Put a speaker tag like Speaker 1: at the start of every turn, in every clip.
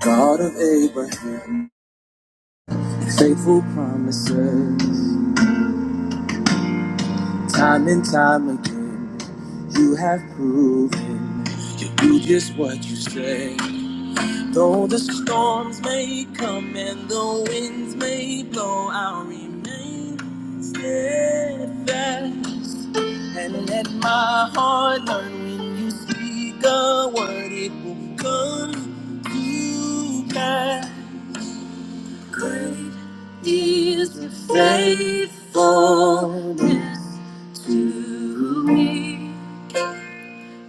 Speaker 1: God of Abraham, faithful promises, time and time again, you have proven you do just what you say. Though the storms may come and the winds may blow, I'll remain steadfast. And let my heart learn when you speak a word, it will come to pass. Great is your faithfulness to me.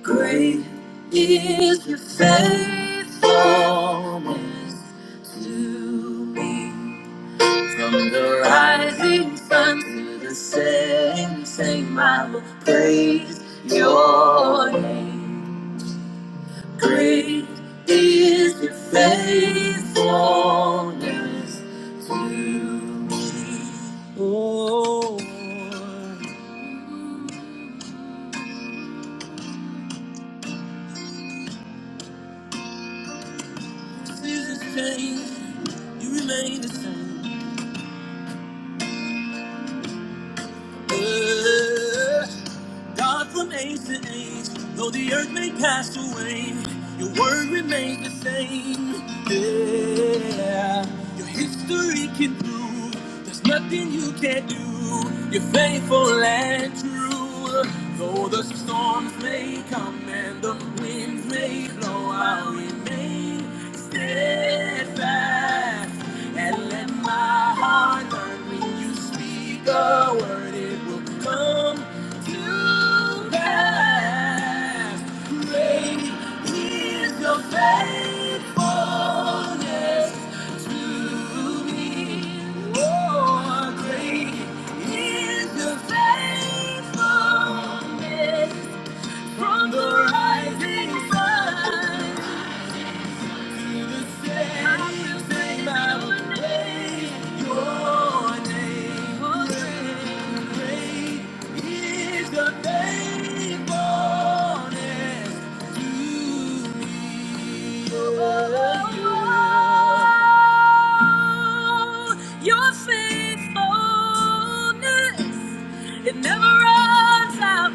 Speaker 1: Great is your faithfulness to me. From the rising sun to the setting, same I will praise your name. Great is your faithfulness to me. Oh, seasons change, you remain the same. Uh, God from age to age, though the earth may pass away, your word remains the same. Yeah, your history can prove there's nothing you can't do. You're faithful and true. Though the storms may come and the winds may blow, I'll remain steadfast and let my Great is your faithfulness to me. Oh, great is your faithfulness from the rising sun. Your faithfulness, it never runs out.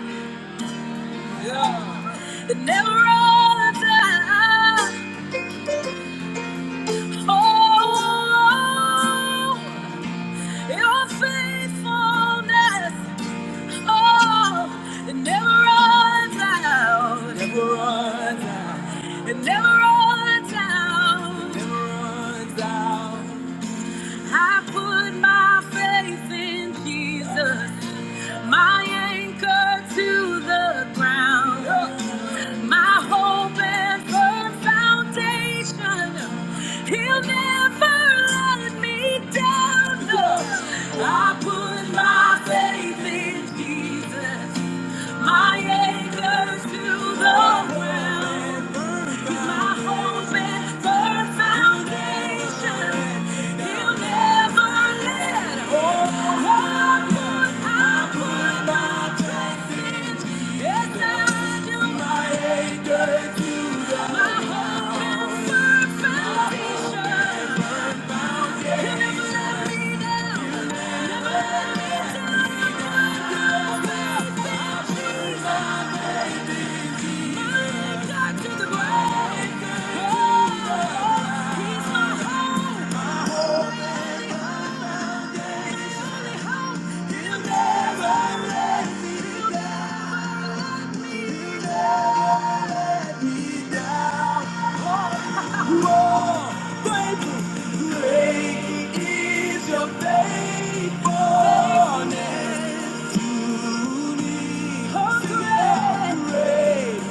Speaker 1: Yeah. It never runs out. Oh, your faithfulness, oh, it never runs out, never runs out, it never runs out, never runs out. I put my faith in Jesus my anchor to the ground, my hope and firm foundation. He'll never let me down. No, I put my faith in Jesus. My anchors to the well. He's my hope and firm foundation. He'll never let go. I put, I put my trust in. Yes, I do. My anchor to the My hope and firm foundation. He'll never let me down. Anchor to the ground. Faithfulness to me, oh, great great.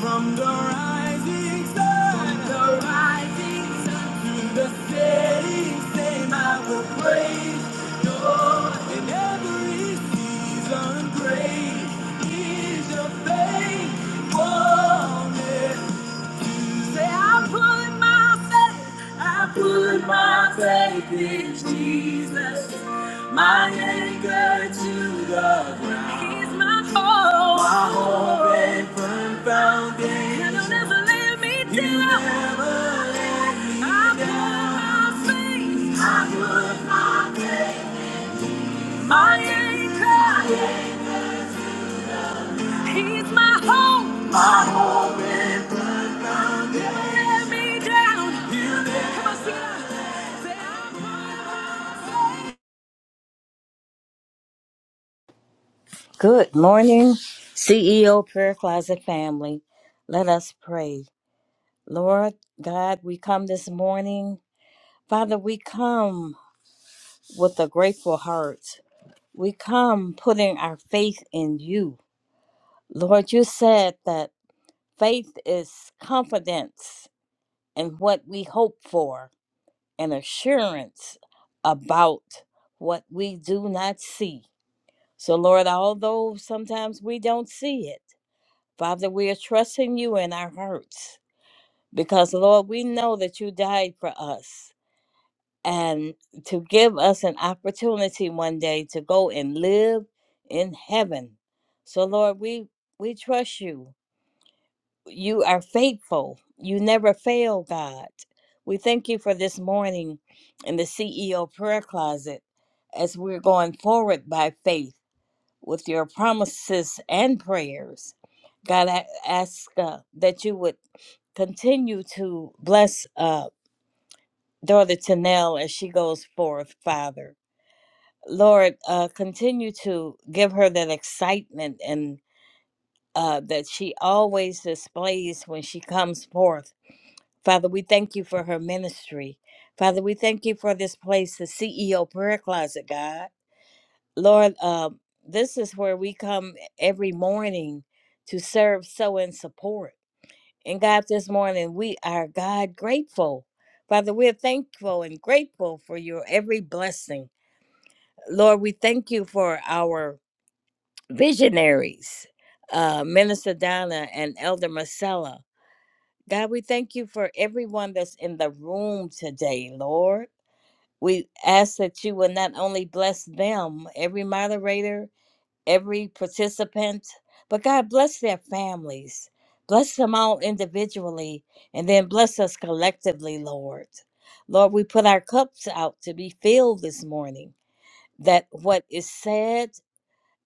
Speaker 1: From the rising sun, from the rising sun to the setting same, I will praise your in every season. Great is your faithfulness. I put my faith, I put my faith in Jesus. My anchor to the ground. He's my hope. My hope and firm foundation. And He'll never let me down. He'll never let me I down. put my faith. I put my faith. My anchor is my hope. My hope and He'll never let me down. He'll never Come on, sing it out.
Speaker 2: Good morning, CEO Prayer Closet family. Let us pray. Lord God, we come this morning. Father, we come with a grateful heart. We come putting our faith in you. Lord, you said that faith is confidence in what we hope for and assurance about what we do not see. So, Lord, although sometimes we don't see it, Father, we are trusting you in our hearts because, Lord, we know that you died for us and to give us an opportunity one day to go and live in heaven. So, Lord, we, we trust you. You are faithful. You never fail, God. We thank you for this morning in the CEO prayer closet as we're going forward by faith with your promises and prayers. God, I ask uh, that you would continue to bless uh, daughter Tanel as she goes forth, Father. Lord, uh, continue to give her that excitement and uh, that she always displays when she comes forth. Father, we thank you for her ministry. Father, we thank you for this place, the CEO prayer closet, God. Lord, um, this is where we come every morning to serve, sow, and support. And God, this morning we are God grateful. Father, we're thankful and grateful for your every blessing. Lord, we thank you for our visionaries, uh, Minister Donna and Elder Marcella. God, we thank you for everyone that's in the room today, Lord. We ask that you will not only bless them, every moderator, every participant. But God bless their families, bless them all individually, and then bless us collectively, Lord. Lord, we put our cups out to be filled this morning, that what is said,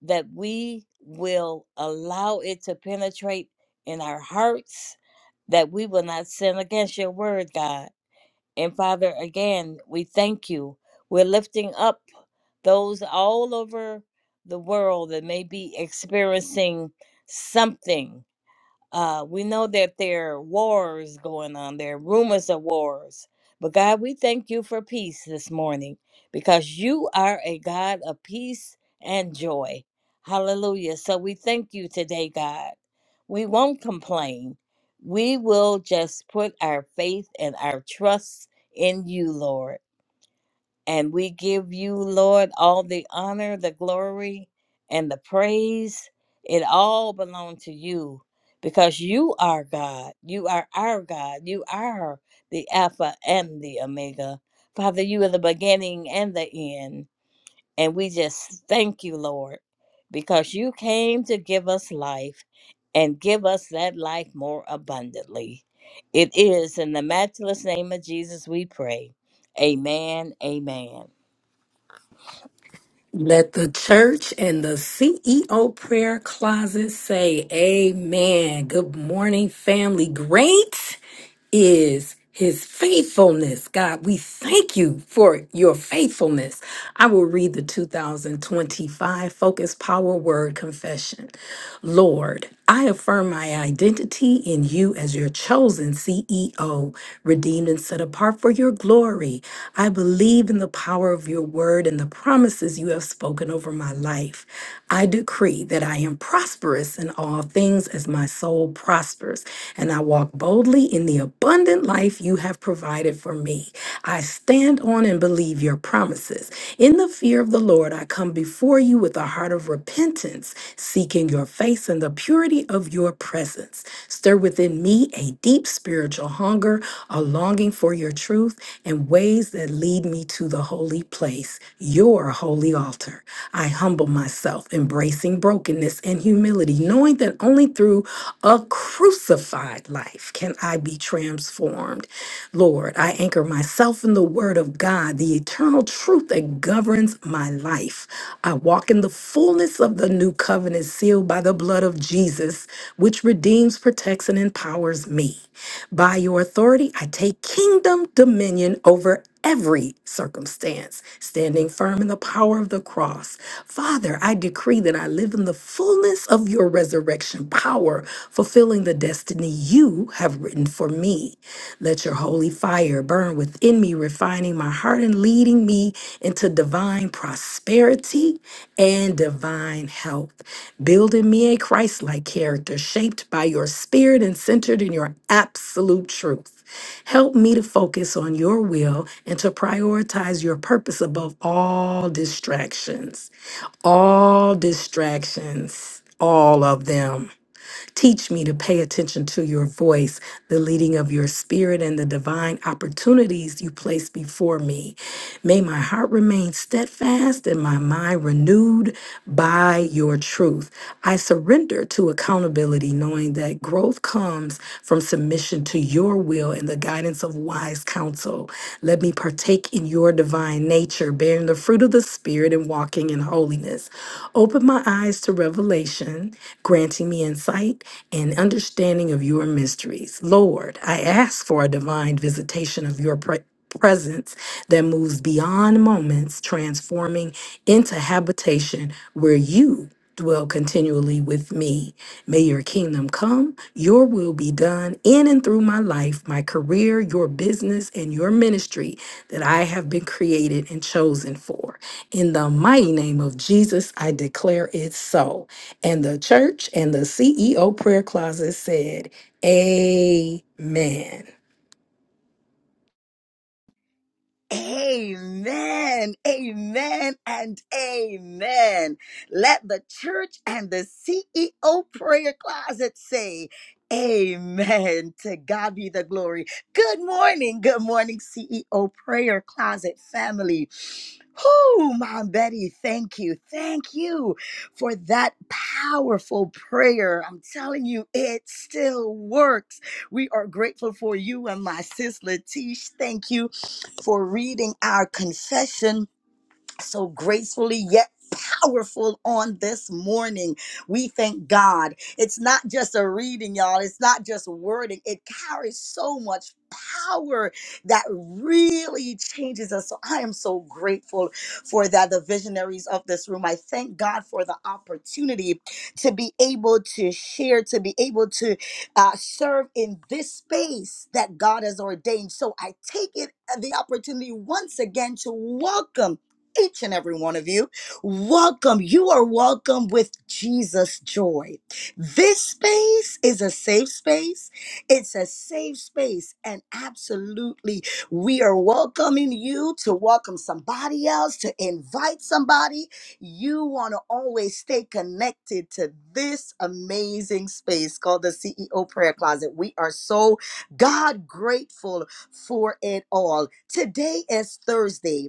Speaker 2: that we will allow it to penetrate in our hearts, that we will not sin against your word, God. And Father, again, we thank you. We're lifting up those all over the world that may be experiencing something. Uh, we know that there are wars going on, there are rumors of wars. But God, we thank you for peace this morning because you are a God of peace and joy. Hallelujah. So we thank you today, God. We won't complain. We will just put our faith and our trust in you, Lord. And we give you, Lord, all the honor, the glory, and the praise. It all belongs to you because you are God. You are our God. You are the Alpha and the Omega. Father, you are the beginning and the end. And we just thank you, Lord, because you came to give us life and give us that life more abundantly. It is in the matchless name of Jesus we pray. Amen. Amen.
Speaker 3: Let the church and the CEO prayer closet say amen. Good morning, family. Great is his faithfulness. God, we thank you for your faithfulness. I will read the 2025 Focus Power Word Confession. Lord, I affirm my identity in you as your chosen CEO, redeemed and set apart for your glory. I believe in the power of your word and the promises you have spoken over my life. I decree that I am prosperous in all things as my soul prospers, and I walk boldly in the abundant life you have provided for me. I stand on and believe your promises. In the fear of the Lord, I come before you with a heart of repentance, seeking seeking your face and the purity of your presence. Stir within me a deep spiritual hunger, a longing for your truth, and ways that lead me to the holy place, your holy altar. I humble myself, embracing brokenness and humility, knowing that only through a crucified life can I be transformed. Lord, I anchor myself in the word of God the eternal truth that governs my life. I walk in the fullness of the new covenant sealed by the blood of Jesus, which redeems, protects, and empowers me. By your authority, I take kingdom dominion over every circumstance, standing firm in the power of the cross. Father, I decree that I live in the fullness of your resurrection power, fulfilling the destiny destiny you have written for me. Let your holy fire burn within me, refining my heart and leading me into divine prosperity and divine health. Build in me a Christ like character shaped by your spirit and centered in your absolute truth. Help me to focus on your will and to prioritize your purpose above all distractions all distractions, all of them. Teach me to pay attention to your voice, the leading of your spirit, and the divine opportunities you place before me. May my heart remain steadfast and my mind renewed by your truth. I surrender to accountability, knowing that growth comes from submission to your will and the guidance of wise counsel. Let me let me partake in your divine nature, bearing the fruit of the Spirit and walking in holiness. Open my eyes to revelation, granting me insight and understanding of your mysteries. Lord, I ask for a divine visitation of your pre- presence that moves beyond moments, transforming into habitation where you dwell continually with me. May your kingdom come, your will be done in and through my life, my career, your business, and your ministry that I have been created and chosen for. In the mighty name of Jesus, I declare it so. And the church and the CEO prayer closet said, Amen.
Speaker 1: Amen, amen, and amen. Let the church and the CEO prayer closet say, Amen. To God be the glory. Good morning, good morning, CEO prayer closet family. Oh, Mom Betty, thank you. Thank you for that powerful prayer. I'm telling you, it still works. We are grateful for you and my sis Latish. Thank you for reading our confession so gracefully yet powerful on this morning. We thank God. It's not just a reading, y'all. It's not just wording. It carries so much power that really changes us. So I am so grateful for that the visionaries of this room. I thank God for the opportunity to be able to share, to be able to uh, serve in this space that God has ordained. So I take it uh, the opportunity once again to welcome each and every one of you. Welcome. You are welcome with Jesus joy. This space is a safe space. It's a safe space. And absolutely, we are welcoming you to welcome somebody else, to invite somebody. You want to always stay connected to this amazing space called the CEO Prayer Closet. We are so God grateful for it all. Today is Thursday.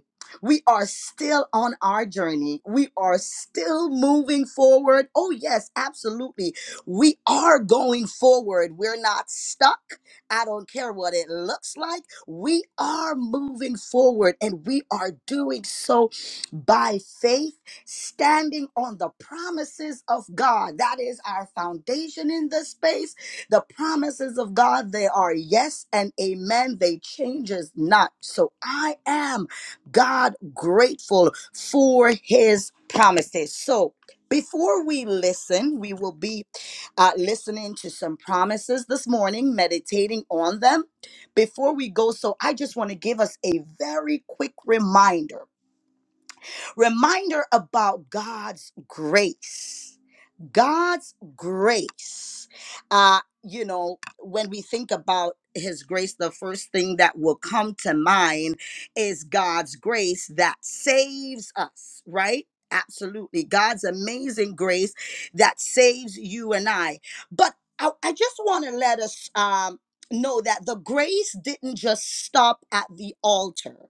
Speaker 1: We are still on our journey. We are still moving forward. Oh, yes, absolutely. We are going forward. We're not stuck. I don't care what it looks like. We are moving forward and we are doing so by faith, standing on the promises of God. That is our foundation in this space. The promises of God, they are yes and amen. They changes not. So I am God grateful for his promises. So, before we listen, we will be uh, listening to some promises this morning, meditating on them. Before we go, so I just want to give us a very quick reminder reminder about God's grace. God's grace, uh, you know, when we think about his grace, the first thing that will come to mind is God's grace that saves us, right? Absolutely. God's amazing grace that saves you and I. But I, I just want to let us um, know that the grace didn't just stop at the altar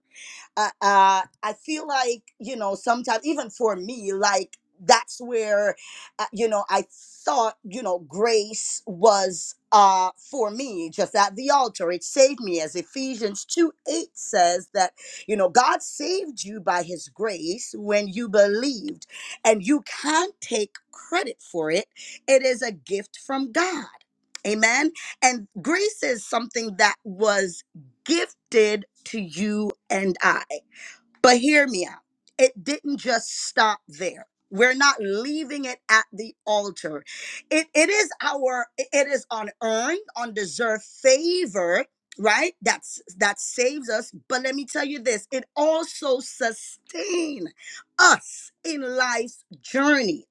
Speaker 1: uh, uh, I feel like you know sometimes even for me like that's where uh, you know I thought you know grace was uh for me just at the altar it saved me as Ephesians 2 8 says that you know God saved you by his grace when you believed and you can't take credit for it it is a gift from God amen and grace is something that was gifted to you and I but hear me out. It didn't just stop there. We're not leaving it at the altar. It, it is our, it is unearned, undeserved favor, right? That's that saves us. But let me tell you this: it also sustains us in life's journey.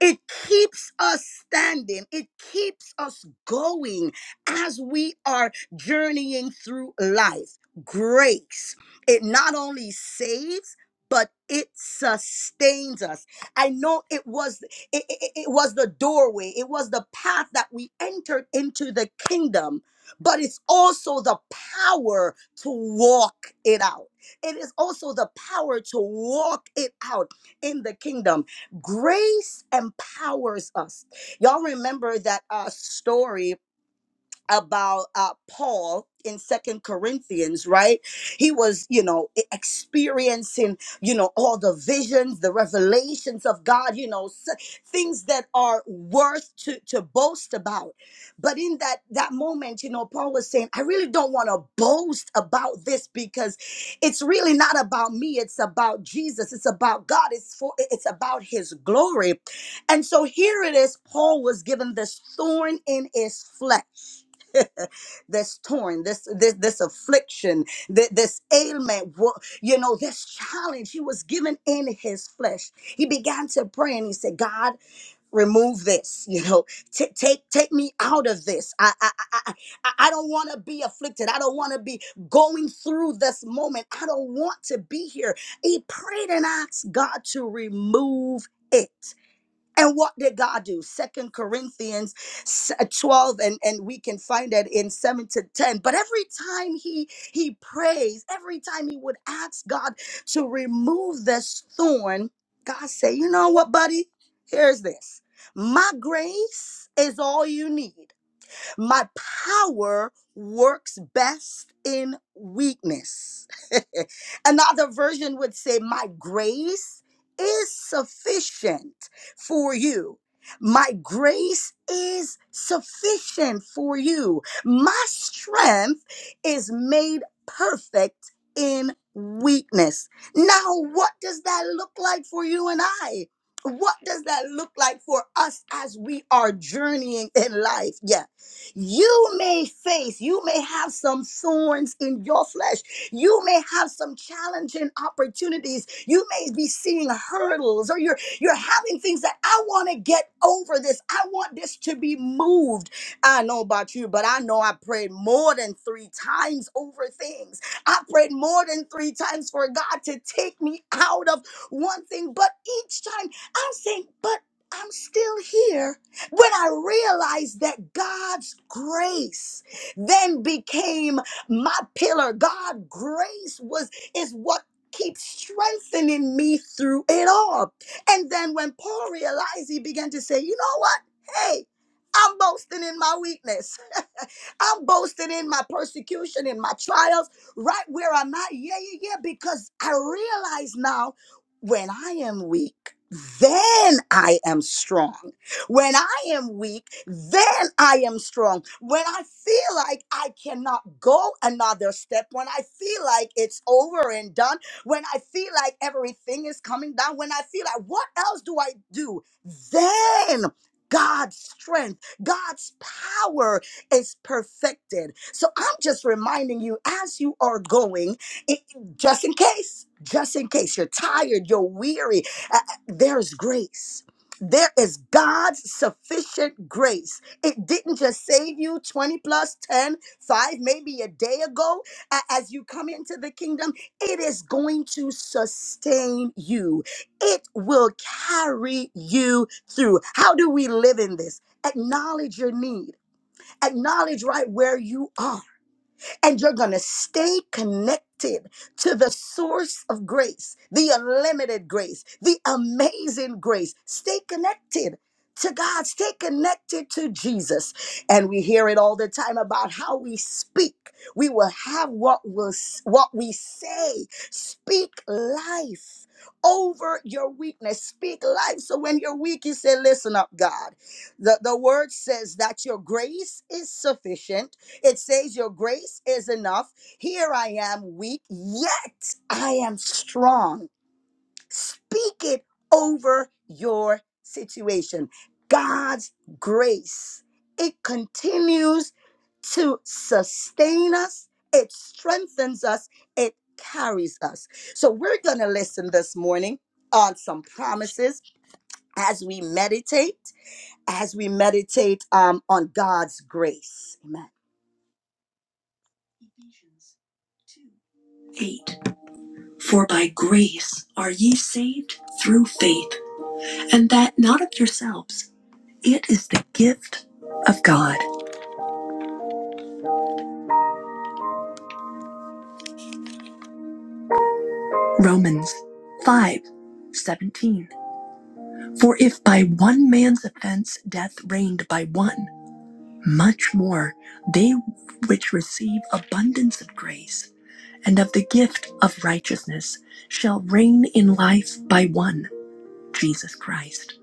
Speaker 1: It keeps us standing. It keeps us going as we are journeying through life. Grace. It not only saves, but it sustains us. I know it was it, it, it was the doorway. It was the path that we entered into the kingdom, but it's also the power to walk it out. It is also the power to walk it out in the kingdom grace empowers us y'all remember that uh story about uh, Paul in Second Corinthians, right? He was, you know, e- experiencing, you know, all the visions, the revelations of God, you know, s- things that are worth to to boast about. But in that that moment, you know, Paul was saying, I really don't want to boast about this because it's really not about me. It's about Jesus. It's about God. It's for it's about His glory. And so here it is. Paul was given this thorn in his flesh this torn, this this this affliction, this, this ailment, wo- you know, this challenge he was given in his flesh. He began to pray and he said, "God, remove this. You know, Ta take take me out of this. I I I, I I- I don't want to be afflicted. I don't want to be going through this moment. I don't want to be here." He prayed and asked God to remove it. And what did God do? Second Corinthians s- uh, 12, and, and we can find that in 7 to 10. But every time he he prays, every time he would ask God to remove this thorn, God said, You know what, buddy? Here's this. My grace is all you need. My power works best in weakness. Another version would say, My grace is sufficient for you. My grace is sufficient for you. My strength is made perfect in weakness. Now, what does that look like for you and I? What does that look like for us as we are journeying in life? Yeah you may face, you may have some thorns in your flesh. You may have some challenging opportunities. You may be seeing hurdles or you're you're having things that I want to get over this. I want this to be moved. I know about you, but I know I prayed more than 3 times over things. I prayed more than 3 times for God to take me out of one thing, but each time I'm saying, but I'm still here when I realized that God's grace then became my pillar, God grace was is what keeps strengthening me through it all. And then when Paul realized, he began to say, "You know what? Hey, I'm boasting in my weakness. I'm boasting in my persecution, in my trials, right where I'm at. Yeah, yeah, yeah. Because I realize now when I am weak, then I am strong. When I am weak, then I am strong. When I feel like I cannot go another step, when I feel like it's over and done, when I feel like everything is coming down, when I feel like what else do I do? Then God's strength, God's power is perfected. So I'm just reminding you as you are going, it, just in case, just in case you're tired, you're weary, uh, uh, there's grace there is God's sufficient grace. It didn't just save you 20 plus 10 5 maybe a day ago. A- As you come into the kingdom, it is going to sustain you, it will carry you through. How do we live in this? Acknowledge your need, acknowledge right where you are and you're going to stay connected to the source of grace, the unlimited grace, the amazing grace. Stay connected. To God, stay connected to Jesus. And we hear it all the time about how we speak. We will have what, will what we say. Speak life over your weakness. Speak life. So when you're weak, you say, Listen up, God. The, the word says that your grace is sufficient it says, Your grace is enough. Here I am weak, yet I am strong. Speak it over your situation. God's grace, it continues to sustain us, it strengthens us, it carries us. So, we're going to listen this morning on some promises as we meditate, as we meditate um, on God's grace. Amen. 8 For by grace are ye saved through faith, and that not of yourselves. It is the gift of God. Romans 5 17. For if by one man's offense death reigned by one, much more they which receive abundance of grace and of the gift of righteousness shall reign in life by one, Jesus Christ.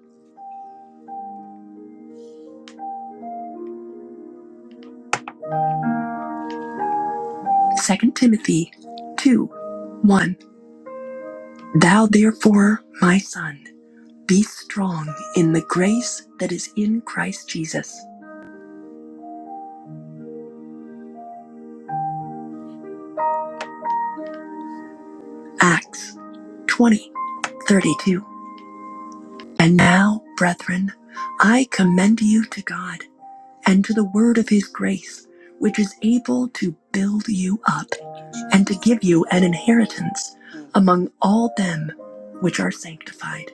Speaker 1: Second Timothy 2 1. Thou therefore, my son, be strong in the grace that is in Christ Jesus. Acts 20 32. And now, brethren, I commend you to God and to the word of his grace, which is able to build you up and to give you an inheritance among all them which are sanctified.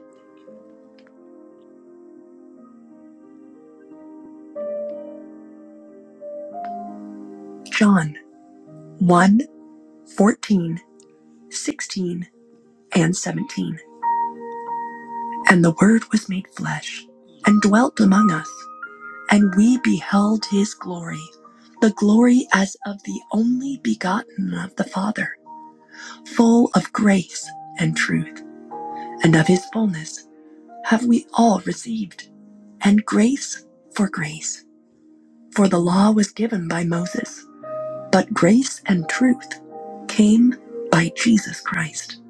Speaker 1: John one fourteen sixteen. and 17. And the Word was made flesh and dwelt among us, and we beheld his glory, the glory as of the only begotten of the Father, full of grace and truth. And of his fullness have we all received, and grace for grace. For the law was given by Moses, but grace and truth came by Jesus Christ.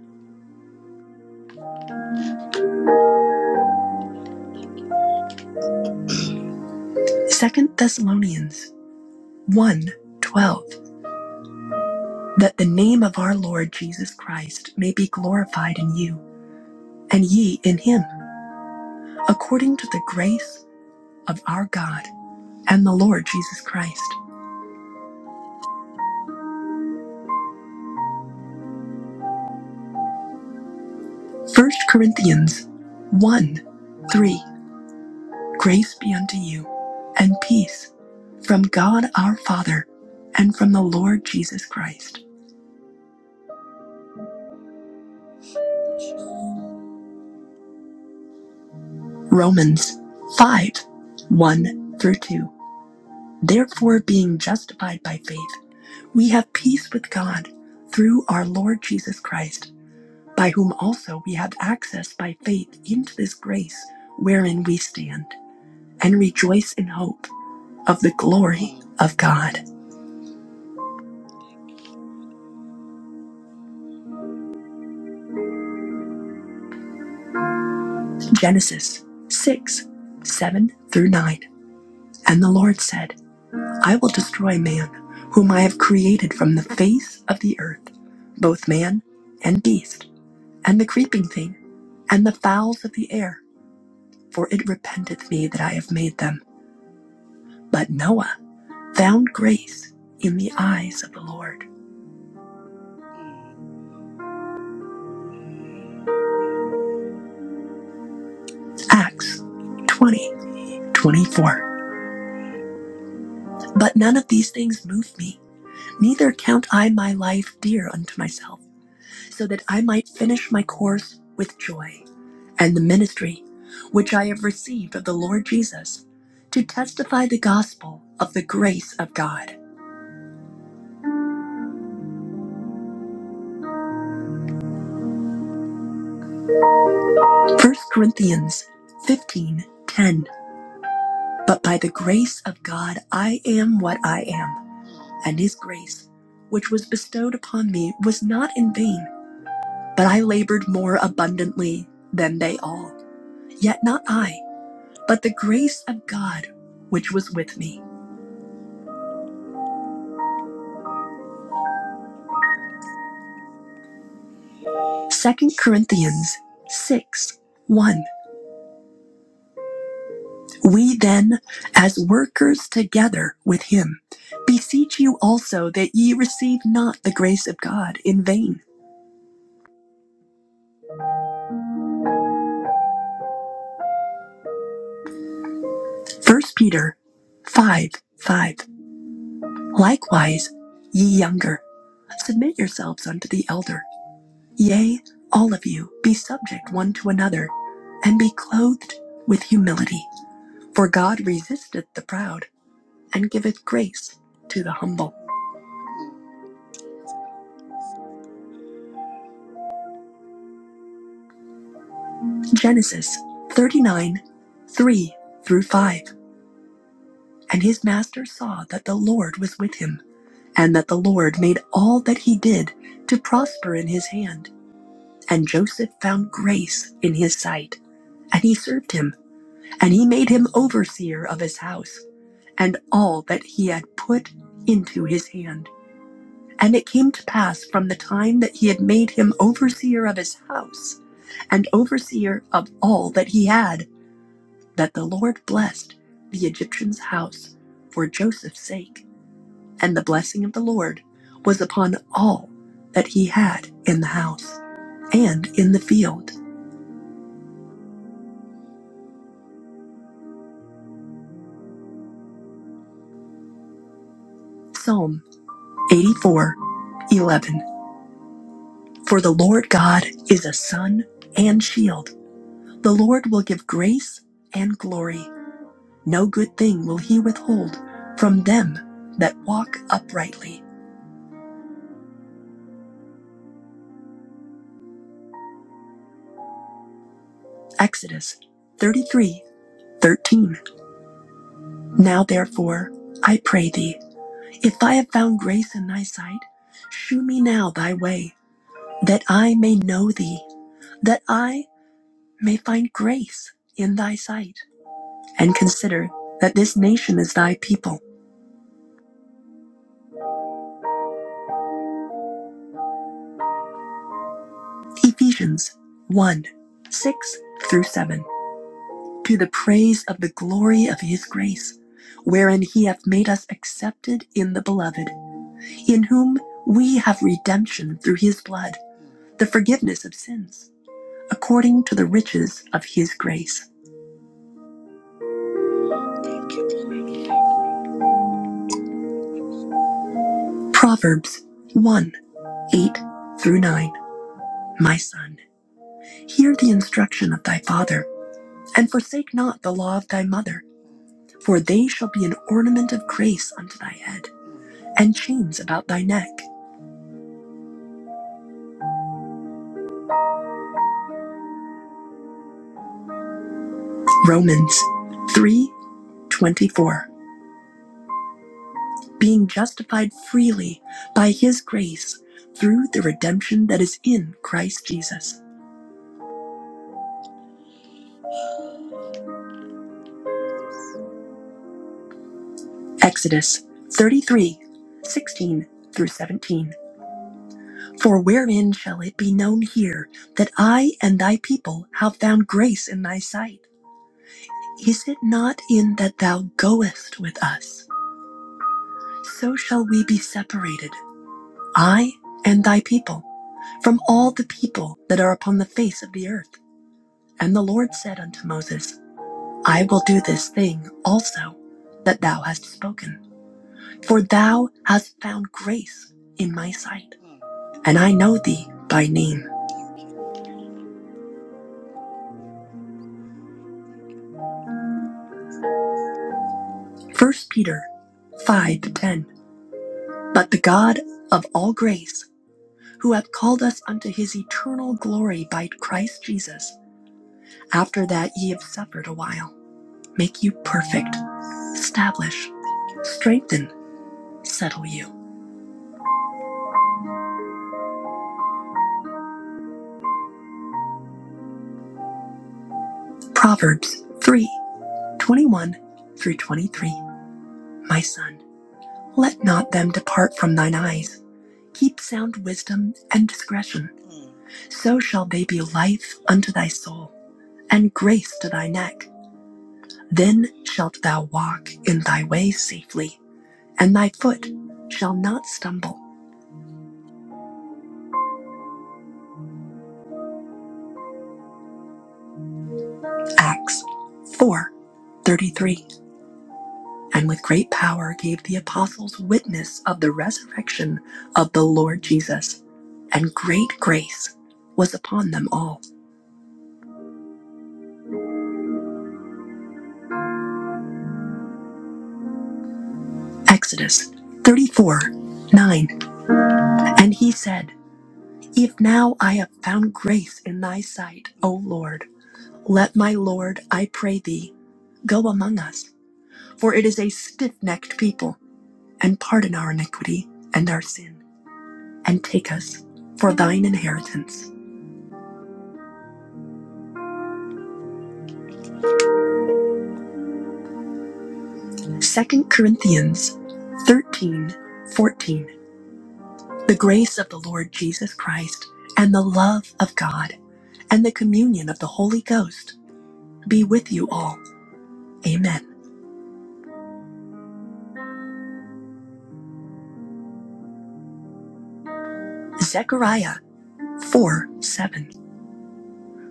Speaker 1: Second Thessalonians one twelve. that the name of our Lord Jesus Christ may be glorified in you, and ye in him, according to the grace of our God and the Lord Jesus Christ. First Corinthians 1 3 Grace be unto you, and peace from God our Father and from the Lord Jesus Christ. Romans 5 1 through 2. Therefore, being justified by faith, we have peace with God through our Lord Jesus Christ by whom also we have access by faith into this grace wherein we stand, and rejoice in hope of the glory of God. Genesis 6 7 through 9. And the Lord said, I will destroy man, whom I have created from the face of the earth, both man and beast, and the creeping thing, and the fowls of the air, for it repenteth me that I have made them. But Noah found grace in the eyes of the Lord. Acts 20:24. But none of these things move me, neither count I my life dear unto myself, so that I might finish my course with joy and the ministry which I have received of the Lord Jesus to testify the gospel of the grace of God. 1 Corinthians 15:10. But by the grace of God, I am what I am, and his grace, which was bestowed upon me, was not in vain. But I labored more abundantly than they all. Yet not I, but the grace of God which was with me. Second Corinthians 6 1. We then, as workers together with him, beseech you also that ye receive not the grace of God in vain. First Peter 5 5. Likewise, ye younger, submit yourselves unto the elder. Yea, all of you, be subject one to another, and be clothed with humility. For God resisteth the proud, and giveth grace to the humble. Genesis 39 3 through 5. And his master saw that the Lord was with him, and that the Lord made all that he did to prosper in his hand. And Joseph found grace in his sight, and he served him. And he made him overseer of his house and all that he had put into his hand. And it came to pass from the time that he had made him overseer of his house and overseer of all that he had, that the Lord blessed the Egyptian's house for Joseph's sake. And the blessing of the Lord was upon all that he had in the house and in the field. Psalm 84:11. For the Lord God is a sun and shield. The Lord will give grace and glory. No good thing will he withhold from them that walk uprightly. Exodus 33:13. Now therefore, I pray thee, if I have found grace in thy sight, shew me now thy way, that I may know thee, that I may find grace in thy sight, and consider that this nation is thy people. Ephesians 1 6 through 7. To the praise of the glory of his grace, wherein he hath made us accepted in the beloved, in whom we have redemption through his blood, the forgiveness of sins, according to the riches of his grace. Proverbs 1 8 through 9. My son, hear the instruction of thy father, and forsake not the law of thy mother, for they shall be an ornament of grace unto thy head. and chains about thy neck. Romans 3:24 Being justified freely by his grace through the redemption that is in Christ Jesus. Exodus thirty three sixteen through 17. For wherein shall it be known here that I and thy people have found grace in thy sight? Is it not in that thou goest with us? So shall we be separated, I and thy people. from all the people that are upon the face of the earth. And the Lord said unto Moses, I will do this thing also that thou hast spoken, for thou hast found grace in my sight, and I know thee by name. First Peter 5 ten. But the God of all grace, who hath called us unto his eternal glory by Christ Jesus, after that ye have suffered a while, make you perfect, establish, strengthen, settle you. Proverbs 3 21 through 23. My son, let not them depart from thine eyes. Keep sound wisdom and discretion. So shall they be life unto thy soul, and grace to thy neck. Then shalt thou walk in thy ways safely, and thy foot shall not stumble. Acts 4 33. and with great power gave the apostles witness of the resurrection of the Lord Jesus, and great grace was upon them all. Exodus 34 9. And he said, If now I have found grace in thy sight, O Lord, let my Lord, I pray thee, go among us, for it is a stiff necked people, and pardon our iniquity and our sin, and take us for thine inheritance. Second Corinthians 13, 14. The grace of the Lord Jesus Christ, and the love of God, and the communion of the Holy Ghost be with you all. Amen. Zechariah 4 7.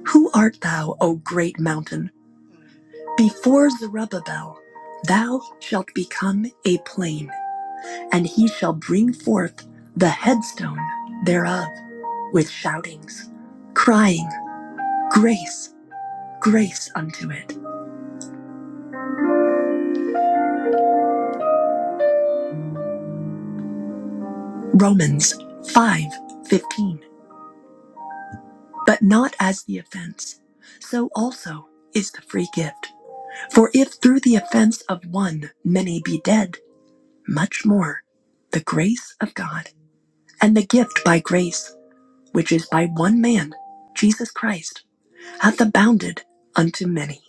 Speaker 1: Who art thou, O great mountain? Before Zerubbabel, thou shalt become a plain, and he shall bring forth the headstone thereof with shoutings, crying, Grace. grace unto it. Romans 5:15. But not as the offense, so also is the free gift. For if through the offense of one many be dead, much more the grace of God and the gift by grace, which is by one man, Jesus Christ, hath abounded unto many.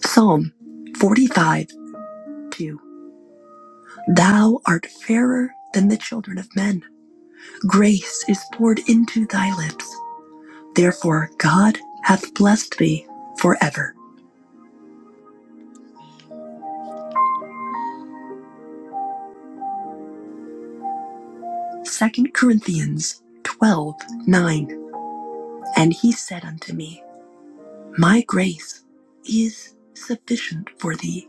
Speaker 1: Psalm 45 2. Thou art fairer than the children of men. Grace is poured into thy lips. Therefore God hath blessed thee forever. Second Corinthians 12 9. And he said unto me, My grace is sufficient for thee,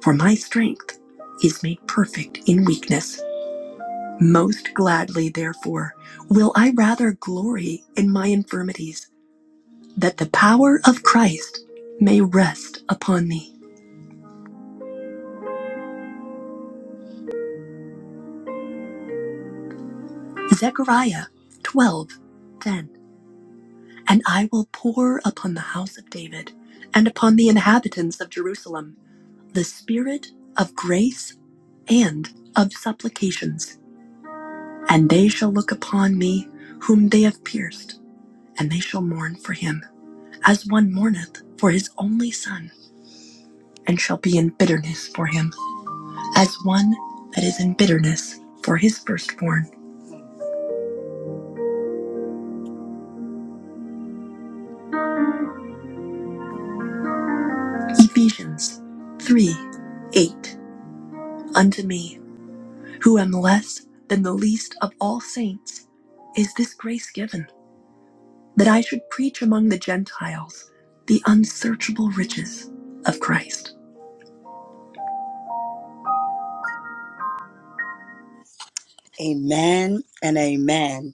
Speaker 1: for my strength is made perfect in weakness. Most gladly, therefore, will I rather glory in my infirmities, that the power of Christ may rest upon me. Zechariah 12 10. And I will pour upon the house of David and upon the inhabitants of Jerusalem the spirit of grace and of supplications. And they shall look upon me whom they have pierced, and they shall mourn for him, as one mourneth for his only son, and shall be in bitterness for him, as one that is in bitterness for his firstborn. Ephesians 3 8. Unto me. who am less than the least of all saints, is this grace given, that I should preach among the Gentiles the unsearchable riches of Christ. Amen and amen.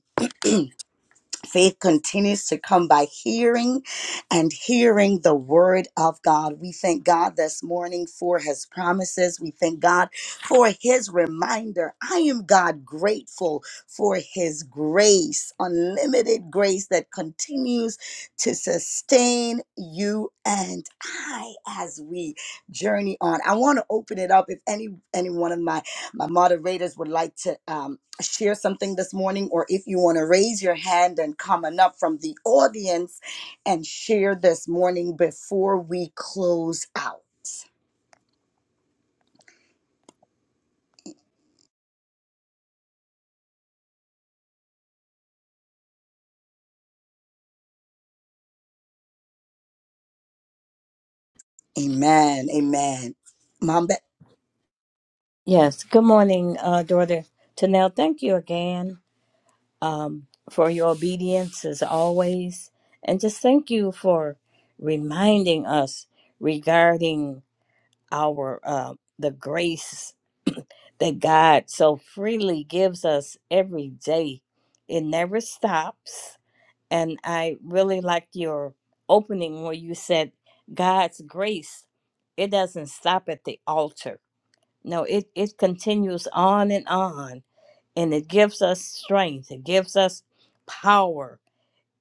Speaker 1: Faith continues to come by hearing and hearing the word of God. We thank God this morning for his promises. We thank God for his reminder. I am God grateful for his grace, unlimited grace that continues to sustain you and I as we journey on. I want to open it up if any any one of my my moderators would like to um, share something this morning, or if you want to raise your hand and come on up from the audience and share this morning before we close out. Amen. Amen. Mom Betty.
Speaker 2: Yes. Good morning, uh, daughter Tanel. Thank you again um, for your obedience as always. And just thank you for reminding us regarding our uh, the grace that God so freely gives us every day. It never stops. And I really like your opening where you said God's grace, it doesn't stop at the altar. No, it, it continues on and on and it gives us strength it gives us power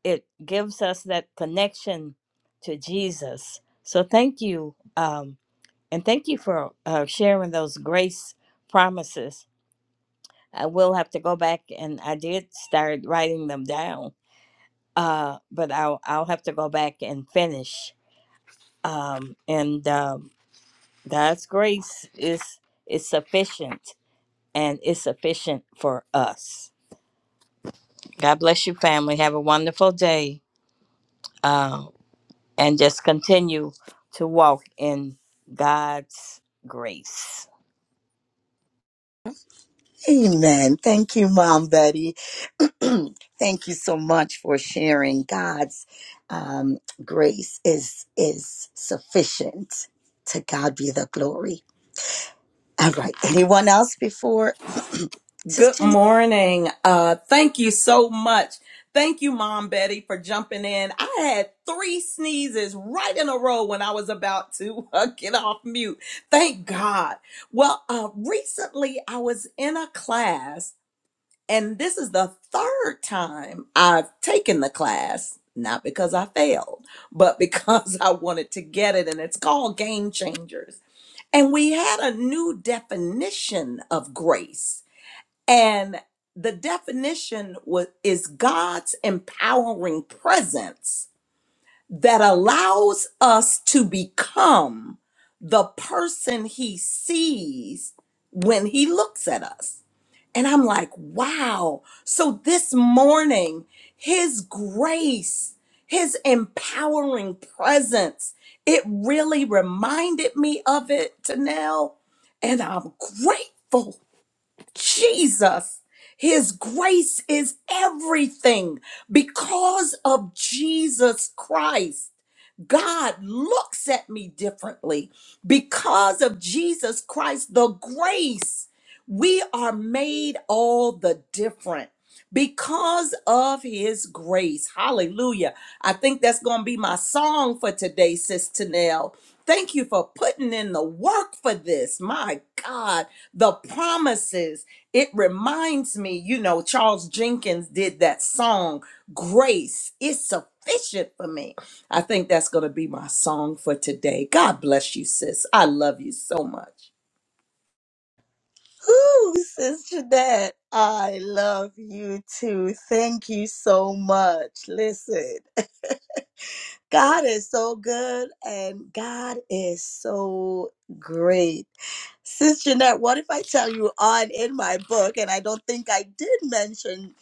Speaker 2: it gives us that connection to jesus so thank you um, and thank you for uh, sharing those grace promises i will have to go back and i did start writing them down uh, but I'll, I'll have to go back and finish um, and um, god's grace is is sufficient and is sufficient for us god bless you family have a wonderful day uh, and just continue to walk in God's grace.
Speaker 1: Amen. Thank you, Mom Betty. Thank you so much for sharing. God's um, grace is is sufficient. To God be the glory. All right. Anyone else before
Speaker 4: Good
Speaker 1: Sister
Speaker 4: morning. Uh, thank you so much. Thank you, Mom Betty, for jumping in. I had three sneezes right in a row when I was about to uh, get off mute. Thank God. Well, uh, recently I was in a class, and this is the third time I've taken the class, not because I failed, but because I wanted to get it, and it's called Game Changers. And we had a new definition of grace and the definition was, is God's empowering presence that allows us to become the person he sees when he looks at us. And I'm like, wow. So this morning, his grace, his empowering presence, it really reminded me of it, Tanel. And I'm grateful Jesus. His grace is everything. Because of Jesus Christ, God looks at me differently. Because of Jesus Christ, the grace, we are made all the different. Because of his grace. Hallelujah. I think that's going to be my song for today, Sister Nell. Thank you for putting in the work for this. My God, the promises it reminds me, you know, Charles Jenkins did that song, Grace is Sufficient for Me. I think that's going to be my song for today. God bless you, sis. I love you so much.
Speaker 1: Ooh, Sis Jeanette, I love you too. Thank you so much. Listen, God is so good and God is so great. Sis Jeanette, what if I tell you on in my book, and I don't think I did mention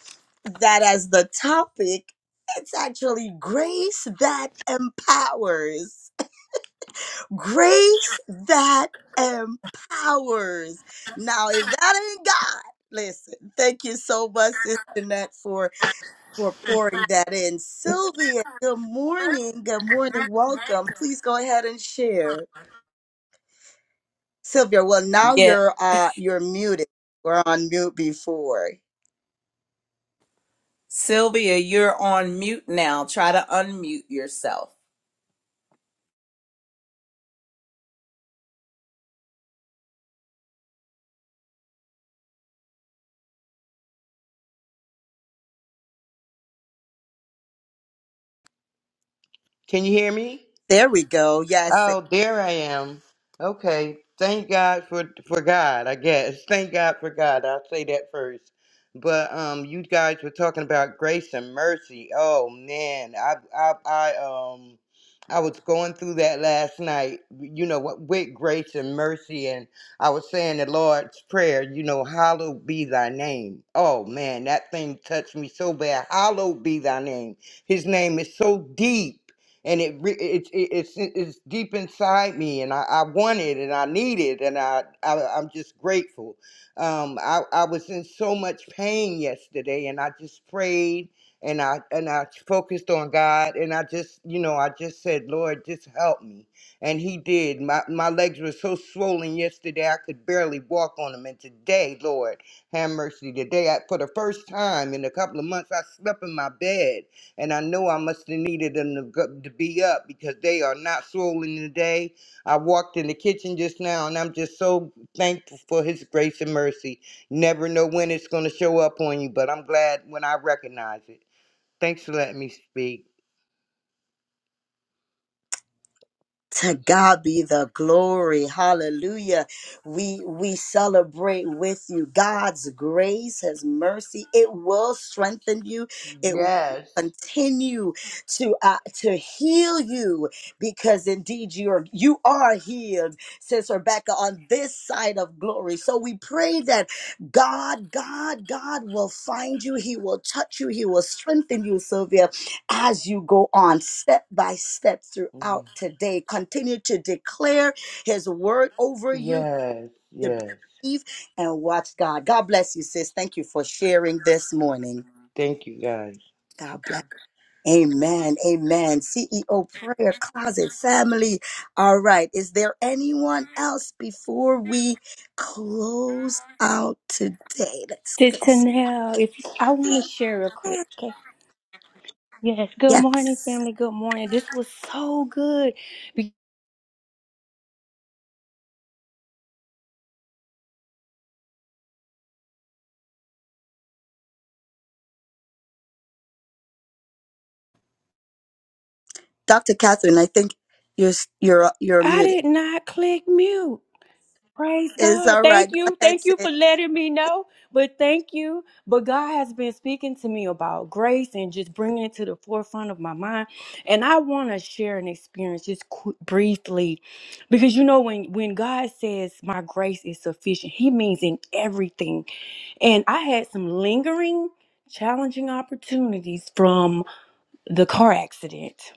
Speaker 1: that as the topic, it's actually grace that empowers. Grace that empowers. Now, if that ain't God, listen, thank you so much, Sister Nat, for, for pouring that in. Sylvia, good morning. Good morning. Welcome. Please go ahead and share. Sylvia, well, now
Speaker 4: Yeah.
Speaker 1: you're uh you're muted. We're on mute before.
Speaker 4: Sylvia, you're on mute now. Try to unmute yourself.
Speaker 5: Can you hear me?
Speaker 1: There we go. Yes.
Speaker 5: Oh, there I am. Okay. Thank God for for God, I guess. Thank God for God. I'll say that first. But um you guys were talking about grace and mercy. Oh man, I I I um I was going through that last night, you know, what with grace and mercy and I was saying the Lord's prayer, you know, hallowed be thy name. Oh man, that thing touched me so bad. Hallowed be thy name. His name is so deep and it re- it's it, it's it's deep inside me, and I, I want it, and I need it, and I, I I'm just grateful. Um, I I was in so much pain yesterday, and I just prayed, and I and I focused on God, and I just you know I just said, Lord, just help me, and He did. My my legs were so swollen yesterday, I could barely walk on them, and today, Lord, have mercy, today I, for the first time in a couple of months, I slept in my bed and I know I must have needed them to, go, to be up because they are not swollen today. I walked in the kitchen just now and I'm just so thankful for His grace and mercy. Never know when it's going to show up on you, but I'm glad when I recognize it. Thanks for letting me speak.
Speaker 1: to God be the glory. Hallelujah. We we celebrate with you. God's grace, his mercy, it will strengthen you. It will
Speaker 5: Yes.
Speaker 1: continue to uh, to heal you because indeed you are you are healed says rebecca on this side of glory so we pray that god god god will find you he will touch you he will strengthen you sylvia as you go on step by step throughout today. Continue to declare his word over you
Speaker 5: Yes.
Speaker 1: to
Speaker 5: Yes.
Speaker 1: believe and watch God. God bless you, sis. Thank you for sharing this morning.
Speaker 5: Thank you, guys.
Speaker 1: God bless. Amen. Amen. CEO prayer closet family. All right. Is there anyone else before we close out today? Let's let me
Speaker 6: Sister
Speaker 1: see.
Speaker 6: Nell, if you, I want to share real quick, okay? Yes. Good morning,
Speaker 1: Yes.
Speaker 6: family. Good morning. This was so good. Be-
Speaker 1: Dr. Catherine, I think you're you're you're
Speaker 6: I
Speaker 1: muted.
Speaker 6: did not click mute. Praise
Speaker 1: It's
Speaker 6: God.
Speaker 1: all
Speaker 6: Thank
Speaker 1: right. Go
Speaker 6: you.
Speaker 1: ahead,
Speaker 6: Thank
Speaker 1: sis.
Speaker 6: you for letting me know. But thank you. But God has been speaking to me about grace and just bringing it to the forefront of my mind. And I want to share an experience just qu- briefly, because you know when when God says my grace is sufficient, He means in everything And I had some lingering, challenging opportunities from the car accident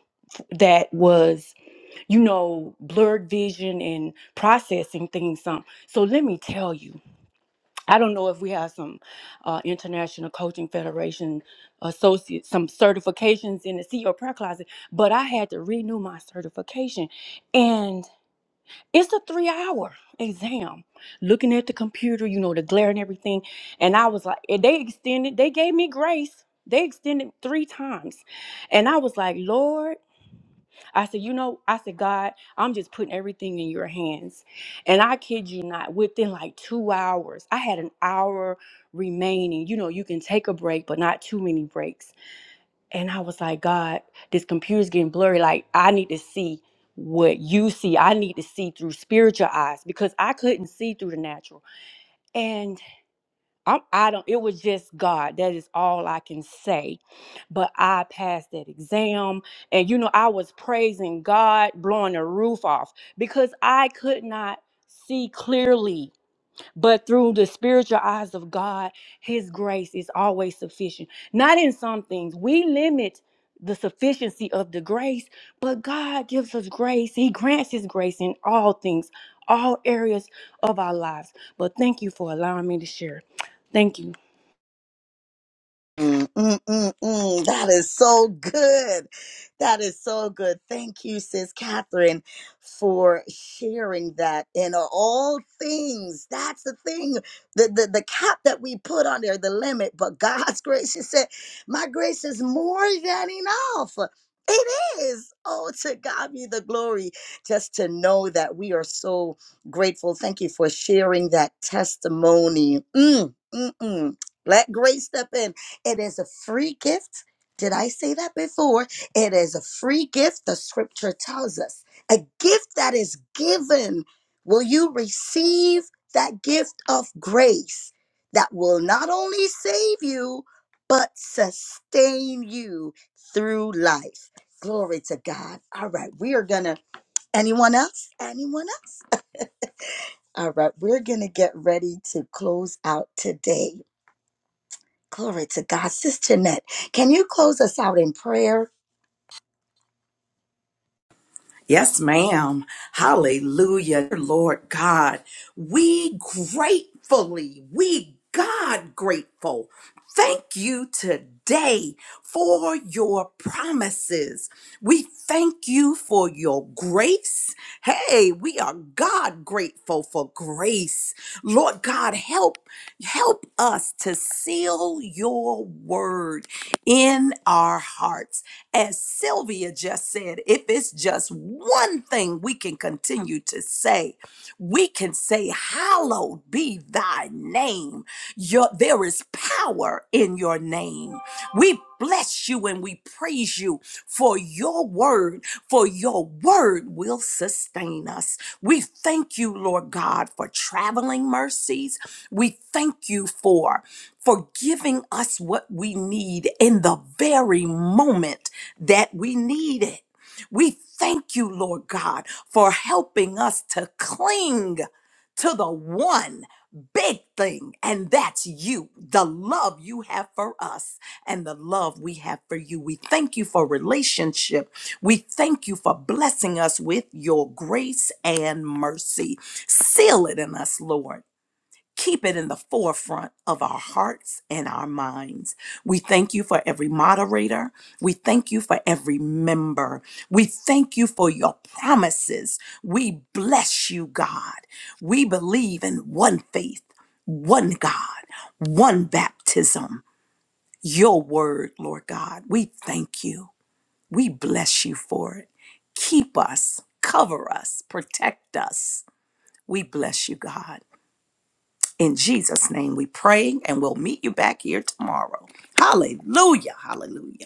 Speaker 6: that was, you know, blurred vision and processing things. Some. So let me tell you, I don't know if we have some uh, International Coaching Federation associate, some certifications in the CEO prayer closet, but I had to renew my certification. and. It's a three hour exam. Looking at the computer, you know, the glare and everything. And I was like, and they extended, they gave me grace. They extended three times. And I was like, Lord, I said, you know, I said, God, I'm just putting everything in your hands. And I kid you not, within like two hours, I had an hour remaining. You know, you can take a break, but not too many breaks. And I was like, God, this computer's getting blurry. Like, I need to see what you see. I need to see through spiritual eyes because I couldn't see through the natural. And I'm, I don't, it was just God. That is all I can say. But I passed that exam. And, you know, I was praising God, blowing the roof off because I could not see clearly but through the spiritual eyes of God, His grace is always sufficient. Not in some things. We limit the sufficiency of the grace, but God gives us grace. He grants His grace in all things, all areas of our lives. But thank you for allowing me to share. Thank you.
Speaker 1: Mm, mm, mm, mm. That is so good. That is so good. Thank you, Sis Catherine, for sharing that. In all things, that's the thing, the, the, the cap that we put on there, the limit. But God's grace, she said, My grace is more than enough. It is. Oh, to God be the glory. Just to know that we are so grateful. Thank you for sharing that testimony. Mm, mm, mm. Let grace step in it is a free gift. Did I say that before? It is a free gift. The scripture tells us a gift that is given. Will you receive that gift of grace that will not only save you, but sustain you through life? Glory to God. All right, we are going to. Anyone else? Anyone else? All right, we're going to get ready to close out today. Glory to God. Sister Jeanette, can you close us out in prayer?
Speaker 4: Yes, ma'am. Hallelujah. Lord God, we gratefully, we God grateful. Thank you today for your promises. We thank you for your grace. Hey, we are God grateful for grace. Lord God, help help us to seal your word in our hearts as Sylvia just said, if it's just one thing we can continue to say, we can say, Hallowed be thy name. Your, there is power in your name. We bless you and we praise you for your word, for your word will sustain us. We thank you, Lord God, for traveling mercies. We thank you for for giving us what we need in the very moment that we need it. We thank you, Lord God, for helping us to cling to the one big thing, and that's you, the love you have for us and the love we have for you. We thank you for relationship. We thank you for blessing us with your grace and mercy. Seal it in us, Lord keep it in the forefront of our hearts and our minds. We thank you for every moderator. We thank you for every member. We thank you for your promises. We bless you, God. We believe in one faith, one God, one baptism, your word, Lord God. We thank you. We bless you for it. Keep us, cover us, protect us. We bless you, God. In Jesus' name we pray, and we'll meet you back here tomorrow. Hallelujah. Hallelujah.